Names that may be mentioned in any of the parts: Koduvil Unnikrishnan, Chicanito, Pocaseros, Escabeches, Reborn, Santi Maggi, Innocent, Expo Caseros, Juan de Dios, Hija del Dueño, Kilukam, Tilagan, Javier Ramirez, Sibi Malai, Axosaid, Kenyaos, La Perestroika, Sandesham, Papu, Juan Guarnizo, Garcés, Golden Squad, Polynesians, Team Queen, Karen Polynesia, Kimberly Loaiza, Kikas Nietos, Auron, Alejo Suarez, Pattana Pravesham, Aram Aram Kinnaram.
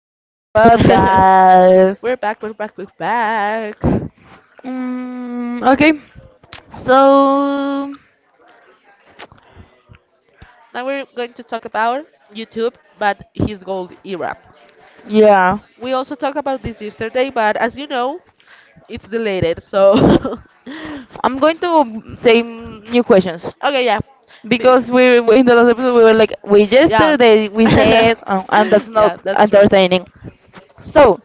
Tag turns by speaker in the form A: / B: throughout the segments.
A: welcome to our podcast.
B: We're back, we're back, we're back.
A: Mm, okay, so
B: Now we're going to talk about YouTube, but his gold era.
A: yeah,
B: We also talked about this yesterday, but as you know, it's deleted. So,
A: I'm going to say new questions
B: okay, yeah, Be-
A: because in the last episode we were like, we
B: yeah,
A: yesterday we said, and that's not
B: yeah, that's
A: entertaining. So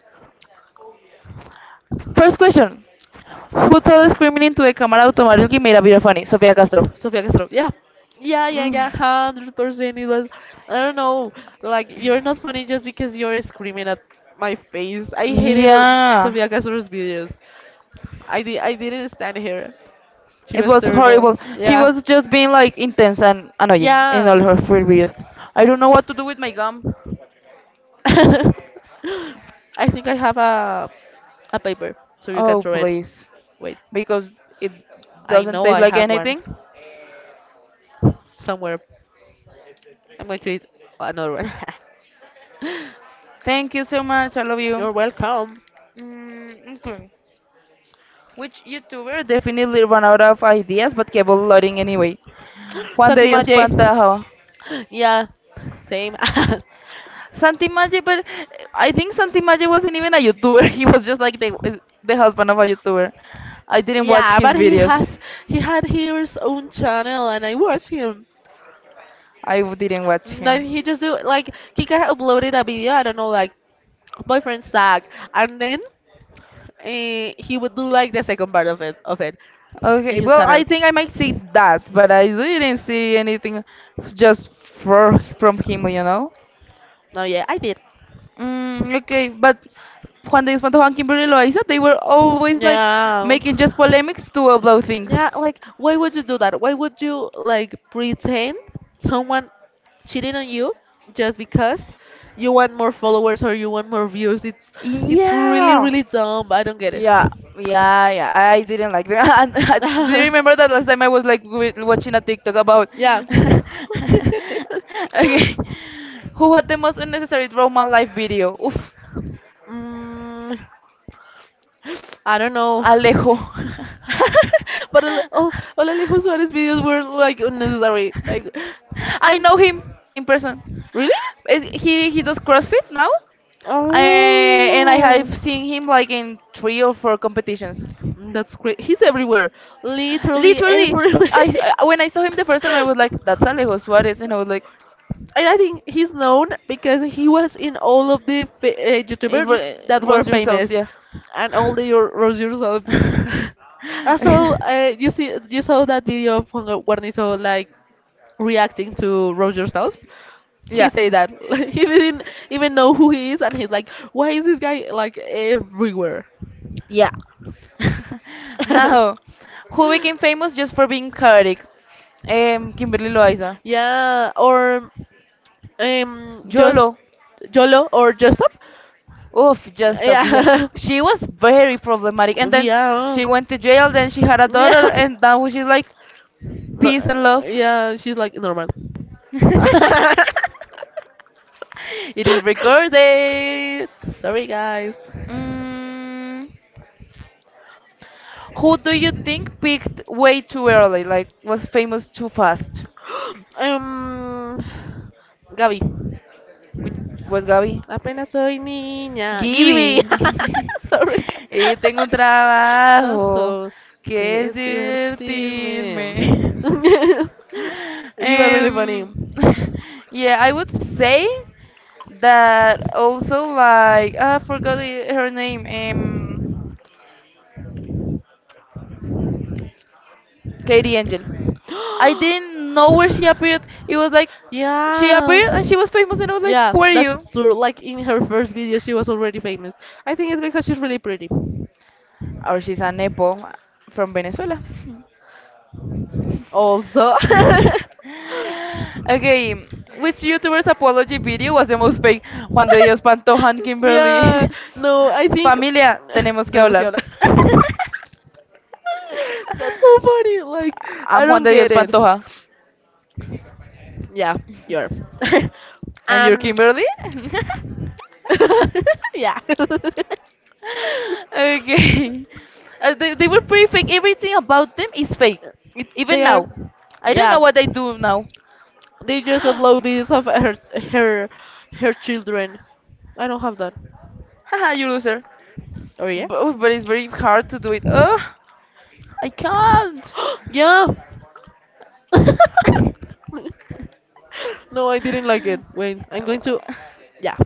A: first question: Who told screaming into a camera automatically made a video funny? Sofia Castro.
B: Sofia Castro. Yeah. Yeah, yeah,
A: Mm,
B: yeah, 100%. It was, I don't know, like you're not funny just because you're screaming at my face. I hated
A: yeah.
B: Sofia Castro's videos. I didn't stand here. She
A: It
B: was
A: was
B: terrible.
A: horrible. She
B: Yeah,
A: was just being like intense and annoying in all
B: yeah.
A: her food videos. I don't know what to do with my gum.
B: I think I have a paper, so you can
A: Oh,
B: throw it.
A: please.
B: Wait,
A: Because it
B: I
A: doesn't
B: know
A: taste
B: I
A: like
B: have one
A: anything.
B: somewhere. I'm going to eat another one.
A: Thank you so much. I love you.
B: You're welcome.
A: Which YouTuber definitely ran out of ideas but kept loading anyway? Juan de
B: Santi
A: Dios
B: Maje.
A: Pantaja.
B: Yeah, same.
A: Santi Maggi, but I think Santi Maggi wasn't even a YouTuber. He was just like the husband of a YouTuber. I didn't watch
B: Yeah,
A: his
B: but he
A: videos.
B: has he had his own channel and I watch him.
A: I didn't watch
B: And
A: him.
B: then he just do like Kika uploaded a video, I don't know, like boyfriend suck and then he would do like the second part of it in
A: Okay,
B: his
A: well, I
B: channel.
A: think I might see that, but I really didn't see anything just for, from him, you know?
B: No yeah, I did.
A: Mm, okay, but cuando Espanto Juan Kimberly Loaiza, they were always like
B: Yeah.
A: making just polemics to upload things.
B: Yeah, like why would you do that? Why would you like pretend someone cheating on you just because you want more followers or you want more views? It's really
A: Yeah.
B: really dumb. I don't get it.
A: Yeah, yeah, yeah. I didn't like that. And do you remember that last time I was like watching a TikTok about?
B: Yeah.
A: Okay, who had the most unnecessary drama life video? Oof,
B: Mm, I don't know.
A: Alejo.
B: But all Alejo Suarez videos were like unnecessary. Like,
A: I
B: and
A: know him in person.
B: really?
A: He does CrossFit now, uh, and I have
B: Oh.
A: seen him like in three or four competitions.
B: That's great. He's everywhere. Literally
A: Literally,
B: everywhere.
A: I when I saw him the first time, I was like, "That's Alejo Suarez," and I was like,
B: And I think he's known because he was in all of the
A: "It ro-
B: YouTubers
A: eh,
B: that were
A: "Roast yourselves,
B: famous,
A: yeah."
B: and all the your Rose yourself. Also, you saw that video of Juan Guarnizo like reacting to Rose yourselves. He
A: Yeah,
B: said that he didn't even know who he is, and he's like, "Why is this guy like everywhere?"
A: yeah. Now, who became famous just for being chaotic? Kimberly Loaiza.
B: Yeah, or just
A: YOLO.
B: Jolo or just stop.
A: Oof, just a bit.
B: Yeah.
A: She was very problematic, and then
B: Yeah.
A: she went to jail. Then she had a daughter,
B: Yeah.
A: and now she's like
B: No,
A: peace and love.
B: yeah, she's like normal.
A: It is recorded.
B: Sorry, guys.
A: Mm, who do you think peaked way too early? Like was famous too fast?
B: Um, Gaby.
A: Which was Gaby?
B: Apenas soy niña.
A: Gibby.
B: Gibby. Sorry.
A: y tengo un trabajo
B: Ojo,
A: que
B: que
A: es
B: es divertirme.
A: divertirme.
B: You are really funny.
A: Um, yeah, I would say that also like I forgot her name. Katie Angel. I didn't know where she appeared. It was like she
B: Yeah.
A: appeared and she was famous, and I was like,
B: Yeah,
A: "Who are you?"
B: that's true. Like in her first video, she was already famous. I think it's because she's really pretty.
A: Or she's a nepo from Venezuela.
B: Also.
A: Okay, which YouTuber's apology video was the most fake? Juan de Dios Pantojan,
B: Yeah,
A: Kimberly.
B: no, I think.
A: Familia, tenemos que
B: Tenemos que
A: hablar.
B: hablar. That's so funny. Like, I
A: I'm Juan
B: don't
A: de Dios
B: get it.
A: Pantoja.
B: Yeah, you're.
A: And you're
B: And
A: Kimberly?
B: yeah.
A: Okay. They were pretty fake. Everything about them is fake.
B: They
A: Even
B: are.
A: now. I don't
B: Yeah.
A: know what I do now.
B: They just upload
A: Haha,
B: videos of her her children. I don't have that.
A: you loser.
B: Oh yeah?
A: But it's very hard to do it. Ugh, I can't.
B: Yeah. No, I didn't like it. Wait, I'm going to. Yeah.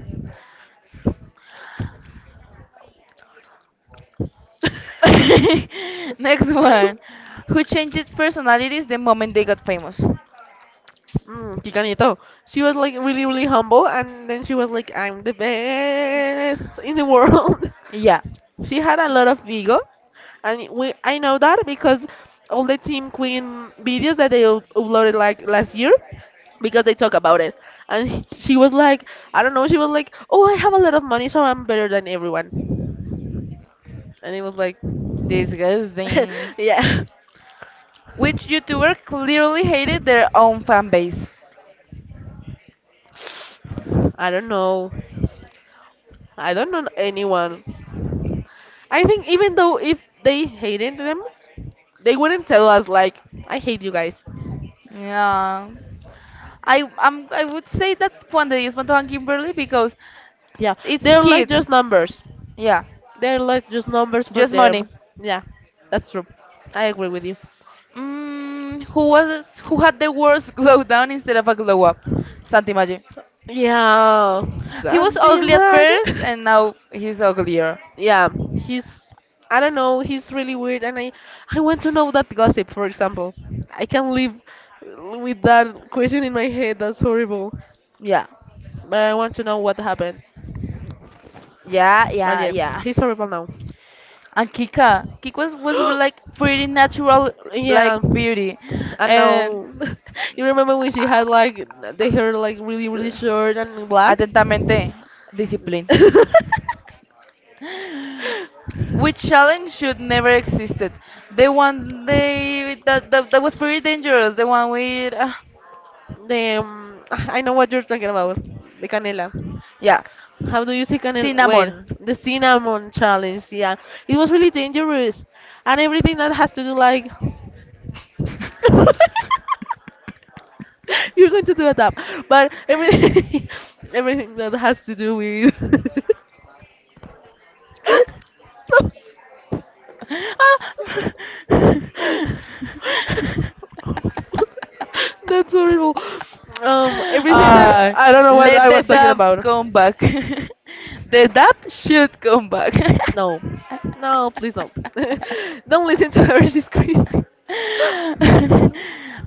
A: Next one. Who changed personalities the moment they got famous?
B: Chicanito. She was like really, really humble, and then she was like, "I'm the best in the world."
A: Yeah,
B: She had a lot of ego, and we I know that because all the Team Queen videos that they uploaded like last year, because they talk about it, and she was like, I don't know, she was like, "Oh, I have a lot of money, so I'm better than everyone," and it was like,
A: disgusting.
B: yeah,
A: Which YouTuber clearly hated their own fan base?
B: I don't know, I don't know anyone. I think even though if they hated them, they wouldn't tell us like, I hate you guys.
A: Yeah. I would say that Juan de Dios Pantoja and Kimberly because
B: Yeah,
A: it's
B: they're like
A: kids.
B: just numbers.
A: Yeah,
B: They're like just numbers for
A: just
B: them.
A: money.
B: Yeah, that's true. I agree with you.
A: Who had the worst glow down instead of a glow up? Santi Maggi.
B: Yeah,
A: He was
B: something
A: ugly at
B: magic.
A: first and now he's uglier.
B: Yeah, he's. I don't know. He's really weird, and I want to know that gossip. For example, I can live with that question in my head. That's horrible.
A: Yeah.
B: But I want to know what happened.
A: Yeah,
B: But
A: yeah,
B: yeah,
A: yeah.
B: he's horrible now.
A: And Kika. Kika was like pretty natural like
B: Yeah.
A: beauty.
B: And
A: And
B: now you remember when she had like the hair like really really
A: uh,
B: short and black?
A: atentamente, discipline. Which challenge should never existed. The one that was pretty dangerous. The one with
B: The I know what you're talking about. The canela.
A: yeah,
B: How do you say canela? Wait,
A: cinnamon.
B: the cinnamon challenge. Yeah, it was really dangerous, and everything that has to do like you're going to do a tap, but everything everything that has to do with
A: Ah,
B: That's horrible. Everything that
A: uh,
B: I don't know what
A: let
B: I
A: the
B: was talking
A: dub
B: about.
A: come back. The dub should come back.
B: No, no, please no. Don't listen to her. She's crazy.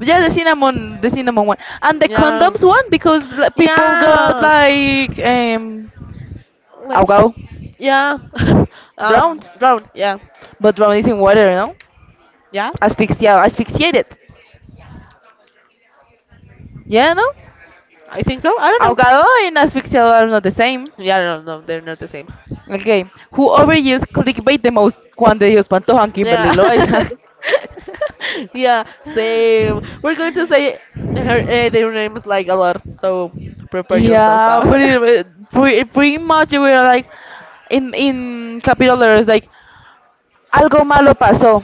A: Yeah, the cinnamon one, and the
B: Yeah,
A: condoms one because like, people got
B: yeah,
A: like
B: like
A: oh,
B: yeah.
A: drowned,
B: Drown. Yeah,
A: but drowned is in water, no?
B: yeah.
A: Asfixiado, asphyxiated. Yeah, no?
B: I think so. I don't know.
A: Ahogado and asfixiado are not the same.
B: Yeah, no, no, they're not the same.
A: Okay. Who overuse clickbait the most? Juan de Dios Pantoja and
B: Yeah.
A: Kimberly Loaiza.
B: Yeah, same. We're going to say their names like a lot, so prepare yourself
A: Yeah, but
B: out.
A: it, pretty, pretty much we are like in capital letters like algo malo pasó,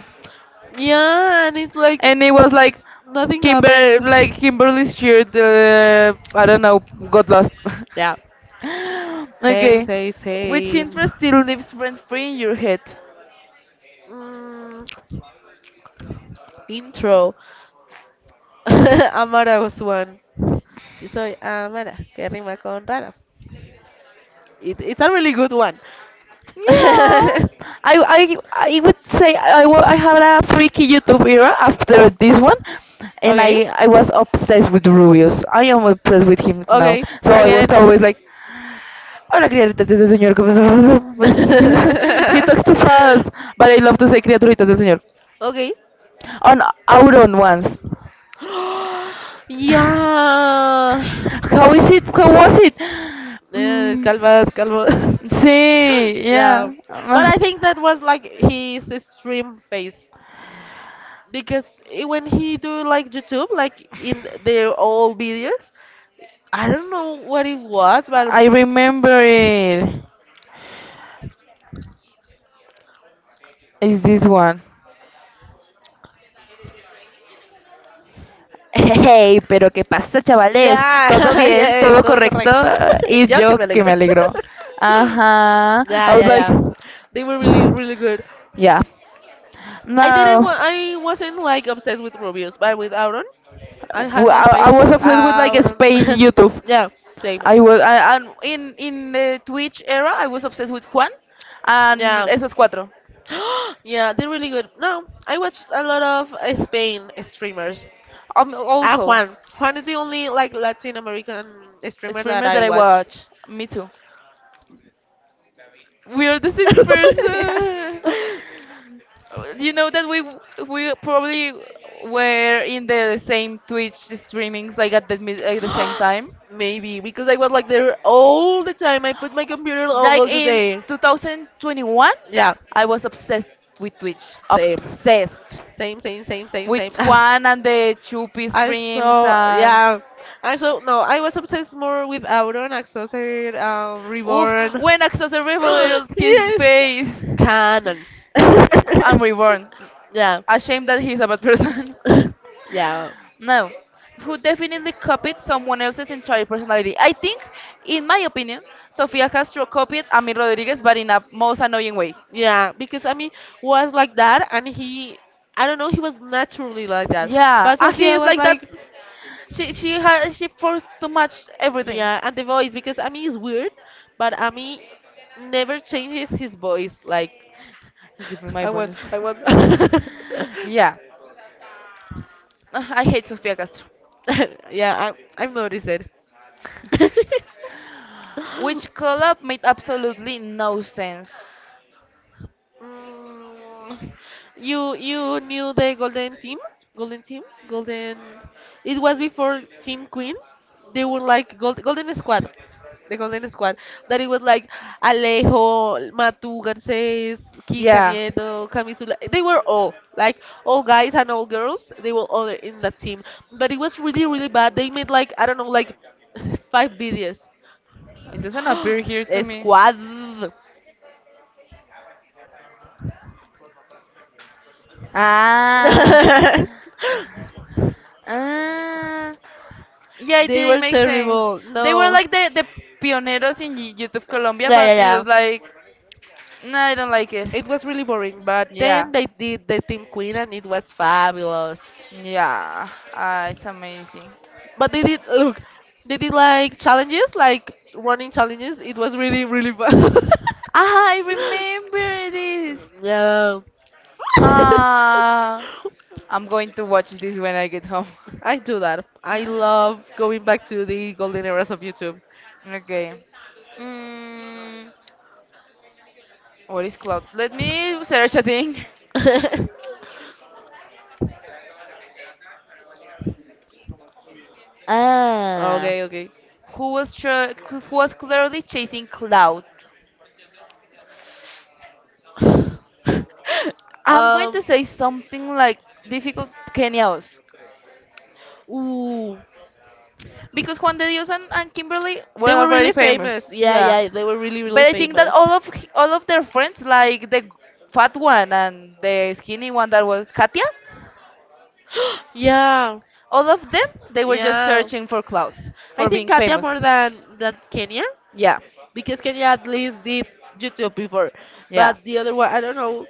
B: Yeah, and it's like
A: and it was like
B: nothing
A: Kimber
B: happened.
A: like Kimberly's shirt. I don't know, got lost.
B: Yeah, same,
A: Okay,
B: same,
A: which
B: same.
A: interest still leaves friends free in your head?
B: Mm, intro. Amara was one. Yo soy Amara, que rima con rara. It's a really good one.
A: Yeah, I would say I had a freaky YouTube era after this one, and
B: Okay,
A: I was obsessed with Rubius. I am obsessed with him now.
B: okay,
A: So
B: I
A: I was
B: get it.
A: always like, "Hola criaturitas del señor. ¿Cómo estás?" He talks too fast, but I love to say criaturitas del señor.
B: Okay.
A: On Auron once.
B: Yeah.
A: How is it? How was it?
B: Yeah.
A: Mm,
B: Calvas, calvas.
A: sí,
B: Yeah.
A: yeah.
B: But
A: Ah,
B: I think that was like his stream face, because when he do like YouTube, like in their old videos, I don't know what it was, but
A: I remember it. Is this one. Hey, pero ¿qué pasa, chavales?
B: yeah,
A: ¿Todo bien?
B: yeah,
A: ¿Todo
B: todo
A: correcto?
B: correcto. Y
A: Y
B: yo que
A: yo
B: me
A: que
B: alegro.
A: me alegro. Ajá. I
B: Yeah,
A: was
B: yeah,
A: like,
B: yeah. They were really, really good.
A: yeah.
B: I didn't
A: No,
B: wa- I wasn't like obsessed with Rubius, but with Auron, I had
A: w-
B: my
A: I, I
B: face
A: was obsessed with like
B: Auron.
A: Spain YouTube.
B: Yeah, same.
A: And in the Twitch era, I was obsessed with Juan and
B: Yeah.
A: esos cuatro.
B: Yeah, they're really good. No, I watched a lot of Spain streamers.
A: Um,
B: Ah,
A: also,
B: Juan. Juan is the only like Latin American
A: a
B: streamer that
A: streamer that
B: I
A: I
B: watch.
A: watch. Me too. We are the same
B: Yeah.
A: person. You know that we probably were in the same Twitch streamings like at the same time.
B: Maybe because I was like there all the time. I put my computer
A: Like
B: all the
A: in
B: day.
A: 2021,
B: Yeah,
A: I was obsessed with Twitch,
B: same,
A: obsessed
B: same, same, same, same,
A: with
B: same.
A: Juan and the Chupi
B: I
A: streams
B: saw,
A: and
B: yeah, I saw. No, I was obsessed more with Auron, Axosaid,
A: oof
B: Reborn.
A: when Axos revealed his
B: Yes,
A: face.
B: canon.
A: I'm reborn.
B: Yeah.
A: Ashamed that he's a bad person.
B: Yeah.
A: No, who definitely copied someone else's entire personality. I think, in my opinion, Sofia Castro copied Ami Rodriguez, but in a most annoying way.
B: Yeah, because I mean, was like that, and he, I don't know, he was naturally like that.
A: Yeah,
B: But
A: he
B: Sofia
A: is
B: was
A: like that.
B: like,
A: She forced too much everything.
B: yeah, and the voice, because I mean, it's weird, but I mean, never changes his voice. Like,
A: You give me my
B: I want,
A: bonus.
B: I want.
A: Yeah, I hate Sofia Castro.
B: Yeah, I've noticed it.
A: Which collab made absolutely no sense.
B: Mm, you knew the Golden Team, Golden Team, Golden. It was before Team Queen. They were like gold, Golden Squad, the Golden Squad. That it was like Alejo, Matu, Garcés, Kika
A: Yeah,
B: Nieto, Camisula. They were all like all guys and all girls. They were all in that team. But it was really really bad. They made like I don't know like five videos.
A: it doesn't appear here to me.
B: Squad.
A: Ah, ah. Yeah, it
B: They were
A: didn't make sense.
B: terrible.
A: They were
B: No.
A: like the pioneers in YouTube Colombia,
B: Yeah,
A: but
B: yeah,
A: it
B: yeah.
A: was like, no, I don't like it.
B: It was really boring, but
A: Yeah,
B: then they did the Team Queen and it was fabulous.
A: yeah, ah, it's amazing.
B: But they did like challenges, like running challenges. It was really, really fun.
A: Ah, I remember this.
B: Yeah.
A: Ah, I'm going to watch this when I get home.
B: I do that. I love going back to the golden eras of YouTube.
A: Okay. Mm, what is cloud? Let me search a thing. Ah,
B: Okay, okay.
A: who was clearly chasing cloud? I'm going to
B: um,
A: say something like difficult Kenyaos
B: ooh,
A: because Juan de Dios and Kimberly were
B: they were
A: already
B: really
A: famous.
B: famous. Yeah,
A: Yeah,
B: yeah, they were really,
A: but
B: really
A: I think that
B: famous.
A: all of their friends, like the fat one and the skinny one that was Katia,
B: Yeah,
A: all of them they were just
B: yeah.
A: searching for clout
B: I
A: for
B: think
A: being
B: Katia
A: famous.
B: more than Kenya.
A: Yeah,
B: Because Kenya at least did YouTube before,
A: yeah,
B: but the other one I don't know.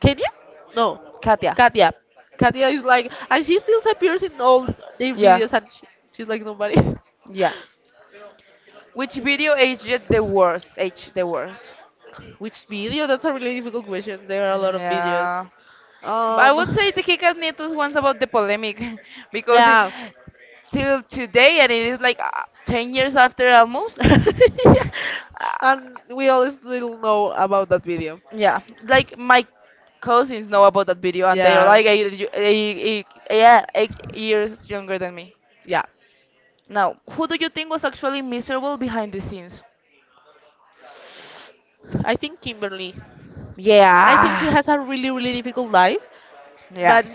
B: Kenya? No,
A: Katia.
B: Katia. Katia is like, and she still appears in all their
A: Yeah,
B: videos, and she's like nobody.
A: yeah. Which video aged the worst? Aged the worst.
B: Which video? That's a really difficult question. There are a lot of
A: Yeah.
B: videos.
A: But I would
B: Um.
A: say the Kikas Nietos one's about the polemic because the,
B: Yeah.
A: till today, and it is like 10 years after almost.
B: Yeah.
A: Uh,
B: And we all still know about that video.
A: yeah, like my cousins know about that video, and they're
B: Yeah.
A: like eight, y- eight, eight, yeah, eight years younger than me.
B: Yeah,
A: Now, who do you think was actually miserable behind the scenes?
B: I think Kimberly. I think she
A: Yeah,
B: has a really, really difficult life,
A: yeah,
B: but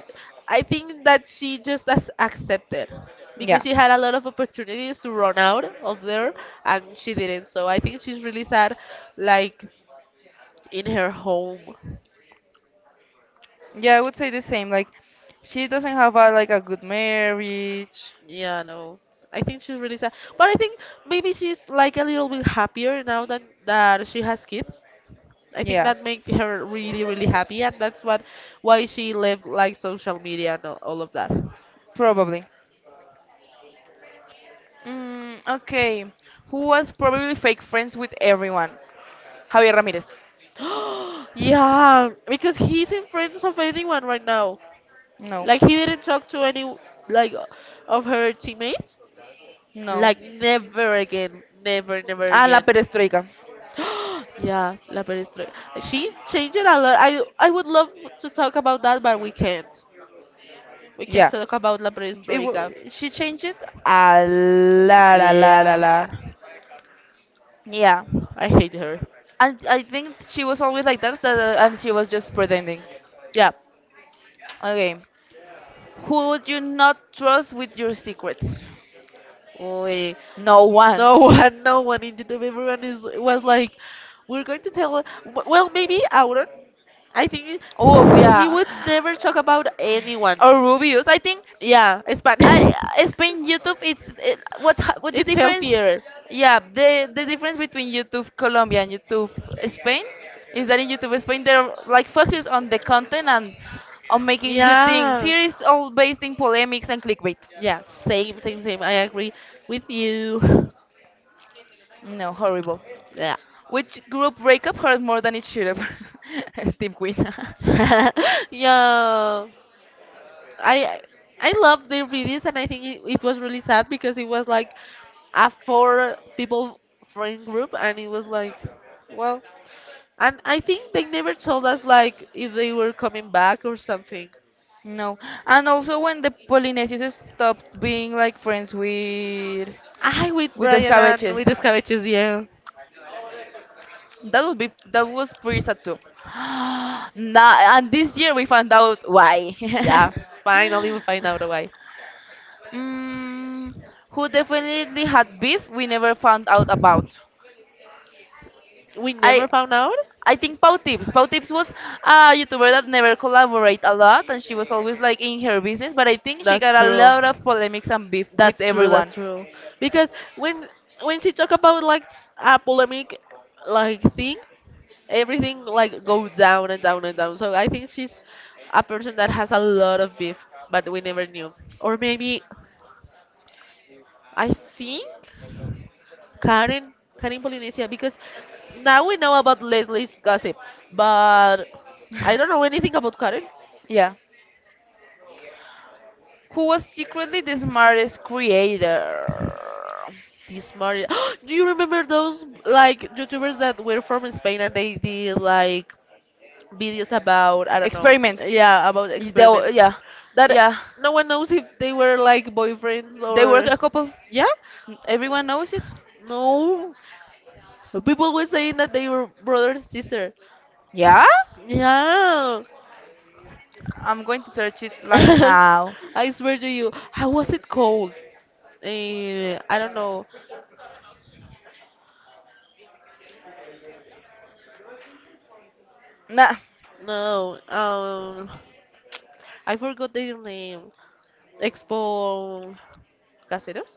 B: I think that she just has accepted because
A: yeah.
B: she had a lot of opportunities to run out of there and she didn't. So I think she's really sad, like in her home.
A: Yeah, I would say the same. Like, she doesn't have a like a good marriage.
B: Yeah, no. I think she's really sad, but I think maybe she's like a little bit happier now that she has kids I think
A: Yeah,
B: that made her really, really happy, and that's what why she left like social media and all of that.
A: probably. Mm, okay. Who was probably fake friends with everyone? Javier Ramirez.
B: Yeah, because he's in friends of anyone right now.
A: No.
B: Like he didn't talk to any like of her teammates.
A: No.
B: Like never again, never, never
A: Ah, la
B: again.
A: perestroika.
B: Yeah, La Perestroika. She changed it a lot. I would love to talk about that, but we can't. We can't
A: Yeah.
B: talk about La
A: It
B: Perestroika.
A: w- she changed it a la la la la
B: Yeah,
A: la. Yeah.
B: I hate her.
A: And I think she was always like that, and she was just pretending.
B: Yeah.
A: Okay. Who would you not trust with your secrets?
B: We,
A: No
B: no
A: one.
B: no one in YouTube. Everyone is was like, we're going to tell. Well, maybe Auron. I think
A: Oof,
B: he
A: yeah.
B: would never talk about anyone.
A: Or Rubius. I think
B: Yeah, it's bad.
A: I Spain YouTube. What the
B: It's
A: difference?
B: healthier.
A: Yeah, the difference between YouTube Colombia and YouTube Spain is that in YouTube Spain they're like focused on the content and on making good things.
B: Yeah.
A: Here is all based in polemics and clickbait.
B: Yeah, same, same, same. I agree with you.
A: No, horrible.
B: Yeah.
A: Which group breakup hurt more than it should have? Team Queen.
B: Yeah, I I love their videos, and I think it was really sad because it was like a four people friend group, and it was like, well, and I think they never told us like if they were coming back or something.
A: No, and also when the Polynesians stopped being like friends with
B: I with
A: with the
B: Brian and
A: Escabeches.
B: with Escabeches, yeah.
A: That would be that was pretty sad too. Nah, and this year we found out why.
B: Yeah, finally we find out why.
A: mm, who definitely had beef we never found out about.
B: We never
A: I
B: found out?
A: I think Pau Tips. Pau Tips was a YouTuber that never collaborate a lot and she was always like in her business, but I think she
B: That's
A: got a
B: true.
A: lot of polemics and beef with
B: That's true.
A: everyone.
B: That's true. Because when when she talk about like a polemic like thing, everything like goes down and down and down. So I think she's a person that has a lot of beef, but we never knew. Or maybe I think Karen, Karen Polynesia, because now we know about Leslie's gossip, but I don't know anything about Karen.
A: Yeah. Who was secretly the smartest creator?
B: This Maria, do you remember those like YouTubers that were from Spain and they did like videos about I don't know,
A: Experiments.
B: yeah, about
A: Y- the-
B: experiments
A: Yeah.
B: that
A: Yeah.
B: no one knows if they were like boyfriends
A: They work
B: or
A: a couple.
B: yeah,
A: Everyone knows it.
B: no, people were saying that they were brother and sister.
A: Yeah?
B: Yeah.
A: I'm going to search it like now.
B: I swear to you, how was it called? Eh, I don't know.
A: Nah,
B: No, I forgot their name. Expo Caseros?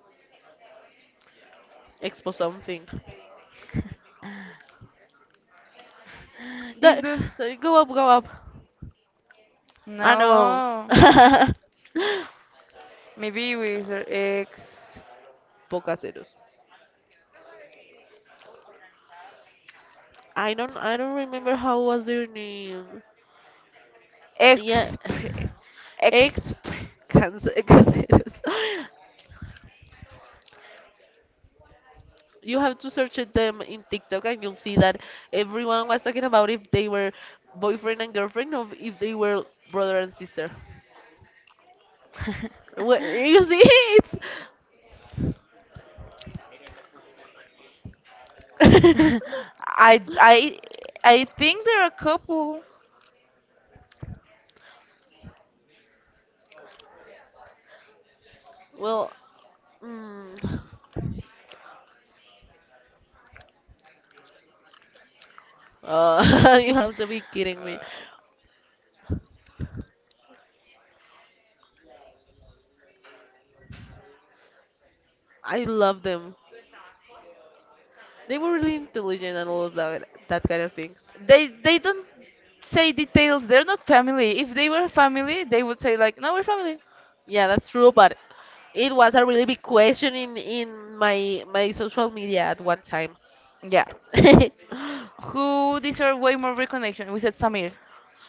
B: Expo something.
A: in
B: That,
A: the
B: so go up, go up. I know.
A: no.
B: Pocaseros.
A: Maybe we search X
B: I don't remember how was their name. Yeah,
A: exp exp.
B: Exp Cance- Caseros. You have to search it them in TikTok and you'll see that everyone was talking about if they were boyfriend and girlfriend or if they were brother and sister. What you see? It's
A: I I I think they're a couple.
B: well, mm, you have to be kidding me. I love them. They were really intelligent and all of that that kind of things.
A: They don't say details. They're not family. If they were family, they would say like, no, we're family.
B: Yeah, that's true, but it was a really big question in my social media at one time.
A: Yeah. Who deserve way more recognition? We said Samir.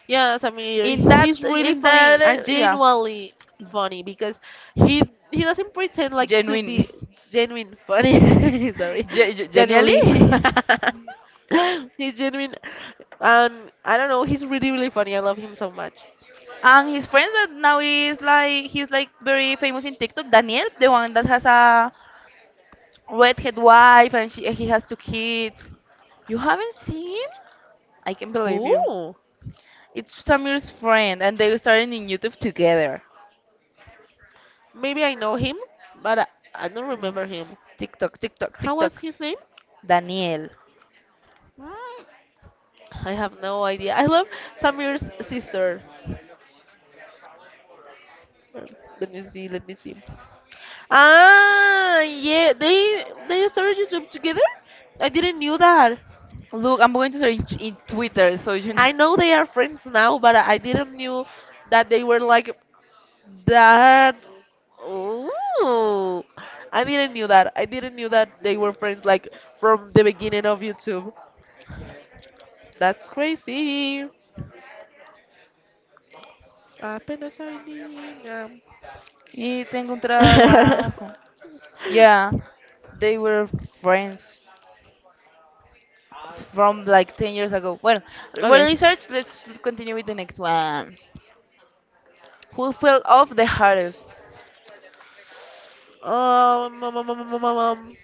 B: Yes, I
A: In
B: mean
A: that
B: he's really
A: in
B: funny
A: that
B: and
A: uh, yeah.
B: genuinely funny because he he doesn't pretend like to
A: Genuine.
B: be genuine funny. Sorry,
A: Genially.
B: genuinely. He's genuine, and I don't know. He's really really funny. I love him so much.
A: And his friends that now is like, he's like very famous in TikTok. Daniel, the one that has a redhead wife and he has two kids. You haven't seen. I can believe
B: Who?
A: you. It's Samir's friend and they started in YouTube together.
B: Maybe I know him, but I, I don't
A: No,
B: remember him.
A: TikTok, TikTok,
B: How was
A: TikTok.
B: his name?
A: Daniel.
B: Mm, I have no idea. I love Samir's sister. Um, Let me see. Let me see. Ah, yeah, they started YouTube together. I didn't knew that.
A: Look, I'm going to search in Twitter so you know.
B: I know they are friends now, but I didn't knew that they were like that. Ooh, I didn't knew that. I didn't knew that they were friends like from the beginning of YouTube. That's crazy. Apenas soy niña.
A: Y tengo un trabajo. Yeah, they were friends from like 10 years ago. Well,
B: Okay.
A: research, let's continue with the next one. Who fell off the hardest?
B: Um, um, um, um, um, um, um,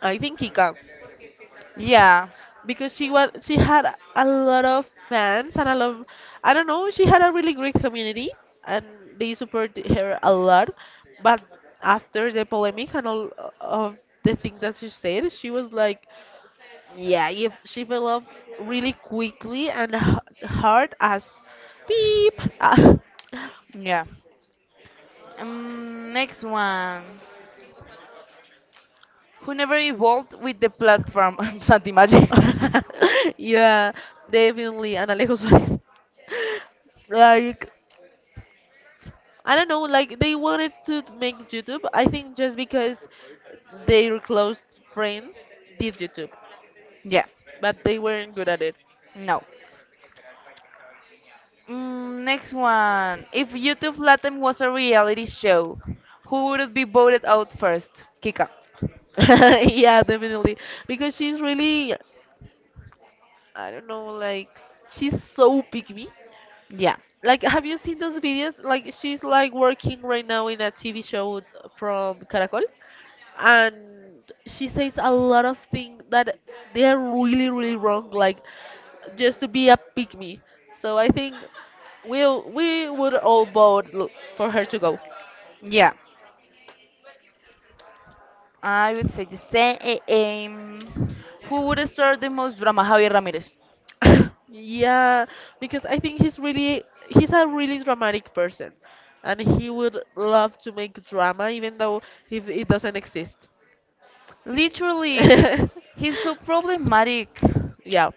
B: I think Kika.
A: Yeah,
B: Because she had a lot of fans and a lot of, I don't know, she had a really great community and they supported her a lot, but after the polemic and all of the things that she said, she was like, yeah, if she fell off really quickly and hard as beep. Ah.
A: yeah. Next one. Who never evolved with the platform? Santi Magic.
B: Yeah, definitely, and Alejo Suarez. Like I don't know, like they wanted to make YouTube. I think just because their close friends did YouTube,
A: Yeah,
B: but they weren't good at it.
A: no. Next one. If YouTube Latin was a reality show, who would be voted out first? Kika.
B: Yeah, definitely. Because she's really, I don't know, like she's so picky.
A: Yeah,
B: Like, have you seen those videos? Like, she's like working right now in a TV show from Caracol. And she says a lot of things that they're really really wrong, like just to be a pick me, so I think we we would all vote for her to go.
A: yeah. I would say the same. Um, who would star the most drama? Javier Ramirez.
B: Yeah, because I think he's really, he's a really dramatic person and he would love to make drama even though if it doesn't exist.
A: Literally, he's so problematic.
B: Yeah,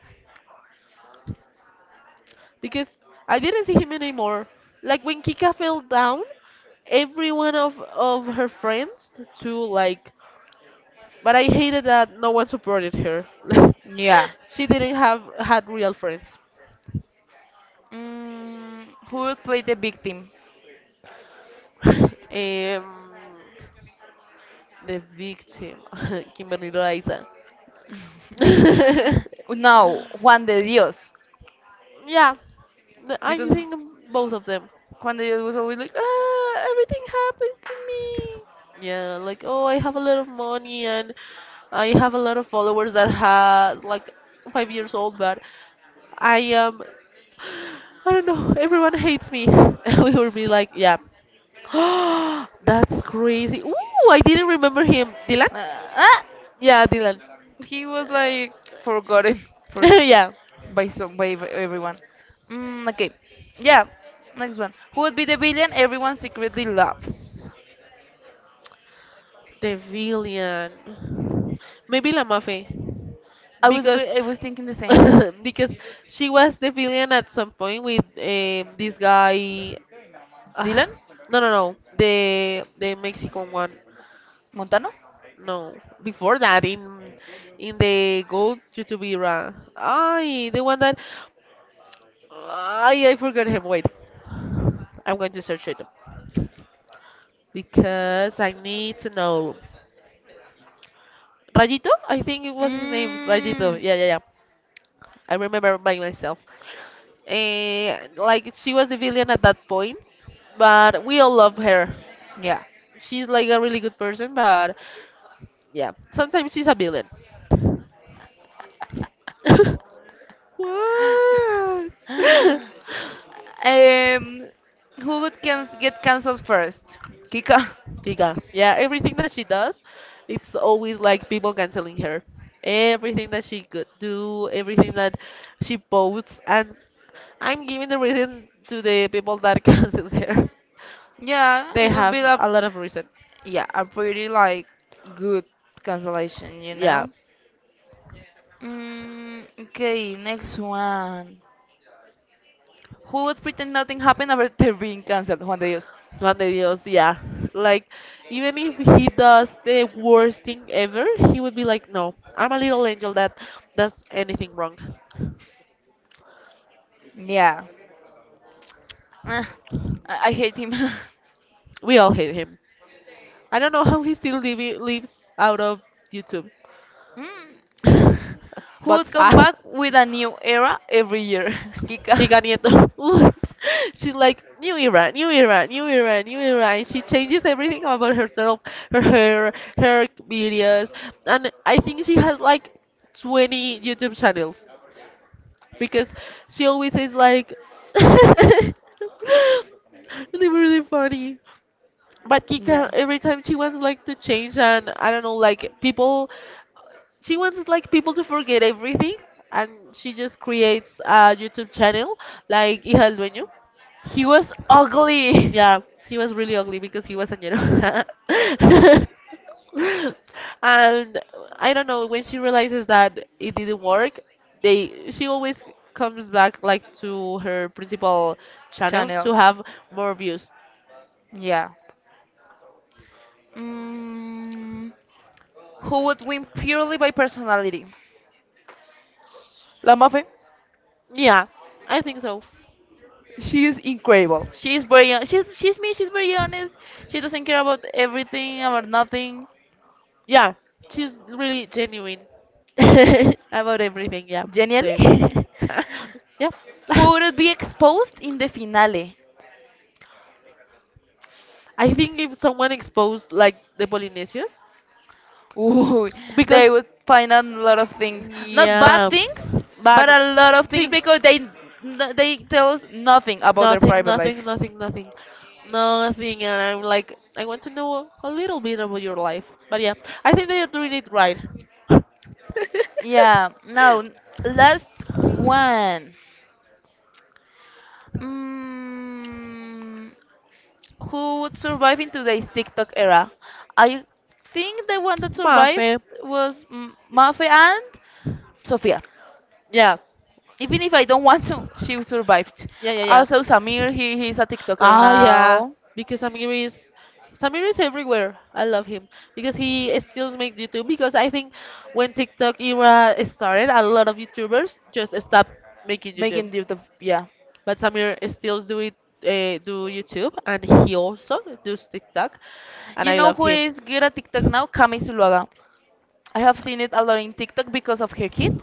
B: because I didn't see him anymore, like when Kika fell down, every one of her friends to like, but I hated that no one supported her.
A: Yeah.
B: She didn't have had real friends.
A: Who would play the victim?
B: um the victim Kimberly Loaiza.
A: No, Juan de Dios.
B: Yeah, I
A: Because
B: think both of them.
A: Juan de Dios was always like, ah, everything happens to me.
B: Yeah, like, oh, I have a lot of money and I have a lot of followers that has like 5 years old, but I am, I don't know. Everyone hates me. And we will be like, yeah. That's crazy. Ooh, I didn't remember him. Dylan?
A: Ah!
B: Yeah, Dylan.
A: He was like forgotten for s-
B: Yeah.
A: by everyone. Mm, okay, yeah. Next one. Who would be the villain everyone secretly loves?
B: The villain. Maybe La Mafe.
A: I was go-
B: Because
A: I was thinking the same.
B: because she was the villain at some point with this guy. Uh,
A: Dylan
B: no, no, no. The Mexican one.
A: Montano.
B: No, before that in the gold YouTube era. Ay, the one that, ay, I forgot him. Wait, I'm going to search it because I need to know. Rajito, I think it was his name. Rajito.
A: Mm,
B: Yeah, yeah, yeah. I remember by myself. And like she was the villain at that point, but we all love her.
A: yeah.
B: She's like a really good person, but yeah, sometimes she's a villain. What?
A: um, who would get cancelled first? Kika.
B: Giga. Yeah, everything that she does, it's always like people canceling her. Everything that she could do, everything that she posts, and I'm giving the reason to the people that cancel her.
A: Yeah,
B: They
A: it would
B: have
A: be a
B: a lot of reason.
A: yeah a pretty like good cancellation, you
B: Yeah,
A: know. Mm, okay, next one. Who would pretend nothing happened after being cancelled? Juan de Dios.
B: Juan de Dios, yeah. Like, even if he does the worst thing ever, he would be like, no, I'm a little angel that does anything wrong.
A: Yeah. Ah, I hate him.
B: We all hate him. I don't know how he still lives out of YouTube.
A: Mm. Who would
B: but
A: come back with a new era every year? Kika.
B: Kika Nieto. Ooh. She's like new era, new era, new era, new era, and she changes everything about herself, her hair, her videos, and I think she has like 20 YouTube channels because she always is like really really funny. But Kika,
A: Yeah.
B: every time she wants like to change, and I don't know, like people she wants like people to forget everything, and she just creates a YouTube channel like Hija del Dueño.
A: He was ugly.
B: Yeah, he was really ugly because he was añero. And I don't know, when she realizes that it didn't work, they she always comes back like to her principal channel to
A: Chanel.
B: have more views.
A: Yeah. Mm, who would win purely by personality? La Mafe.
B: Yeah, I think so.
A: She is incredible. She is very. She's me. She's very honest. She doesn't care about everything, about nothing.
B: Yeah, she's really genuine about everything. Yeah,
A: Genially.
B: same. Yeah.
A: Who would be exposed in the finale?
B: I think if someone exposed like the Polynesians,
A: Ooh, they
B: because
A: would find out a lot of things. Not bad
B: yeah,
A: things,
B: but
A: but a lot of things
B: things,
A: because they tell us nothing about their
B: nothing,
A: private life.
B: nothing, nothing, nothing, nothing, and I'm like, I want to know a little bit about your life. But yeah, I think they are doing it right.
A: Yeah, now last one. Mm, who would survive in today's TikTok era? I think the one that survived
B: Mafe.
A: was Mafe and Sofia.
B: Yeah,
A: Even if I don't want to, she survived.
B: yeah, yeah,
A: Also,
B: yeah.
A: Samir, he's a TikToker
B: Ah, yeah,
A: now,
B: because Samir is everywhere. I love him because he still makes YouTube. Because I think when TikTok era started, a lot of YouTubers just stopped making YouTube,
A: making YouTube. Yeah,
B: but Samir still do it, do YouTube, and he also does TikTok, and
A: you
B: I
A: know
B: love
A: who
B: him.
A: is good at TikTok now? Kami Zuluaga. I have seen it a lot in TikTok because of her kid.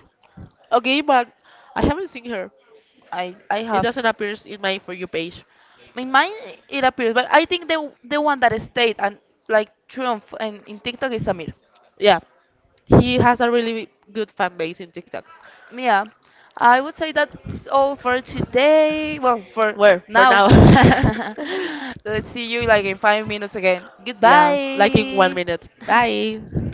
B: Okay, but I haven't seen her.
A: I
B: It
A: have.
B: doesn't appear in my For You page.
A: In mine, it appears, but I think the one that stayed and like triumph in TikTok is Samir.
B: Yeah, he has a really good fan base in TikTok.
A: Yeah, I would say that's all for today. Well, for
B: Where for
A: now.
B: now?
A: Let's see you like in 5 minutes again.
B: Yeah, like in one
A: Goodbye.
B: minute. Bye.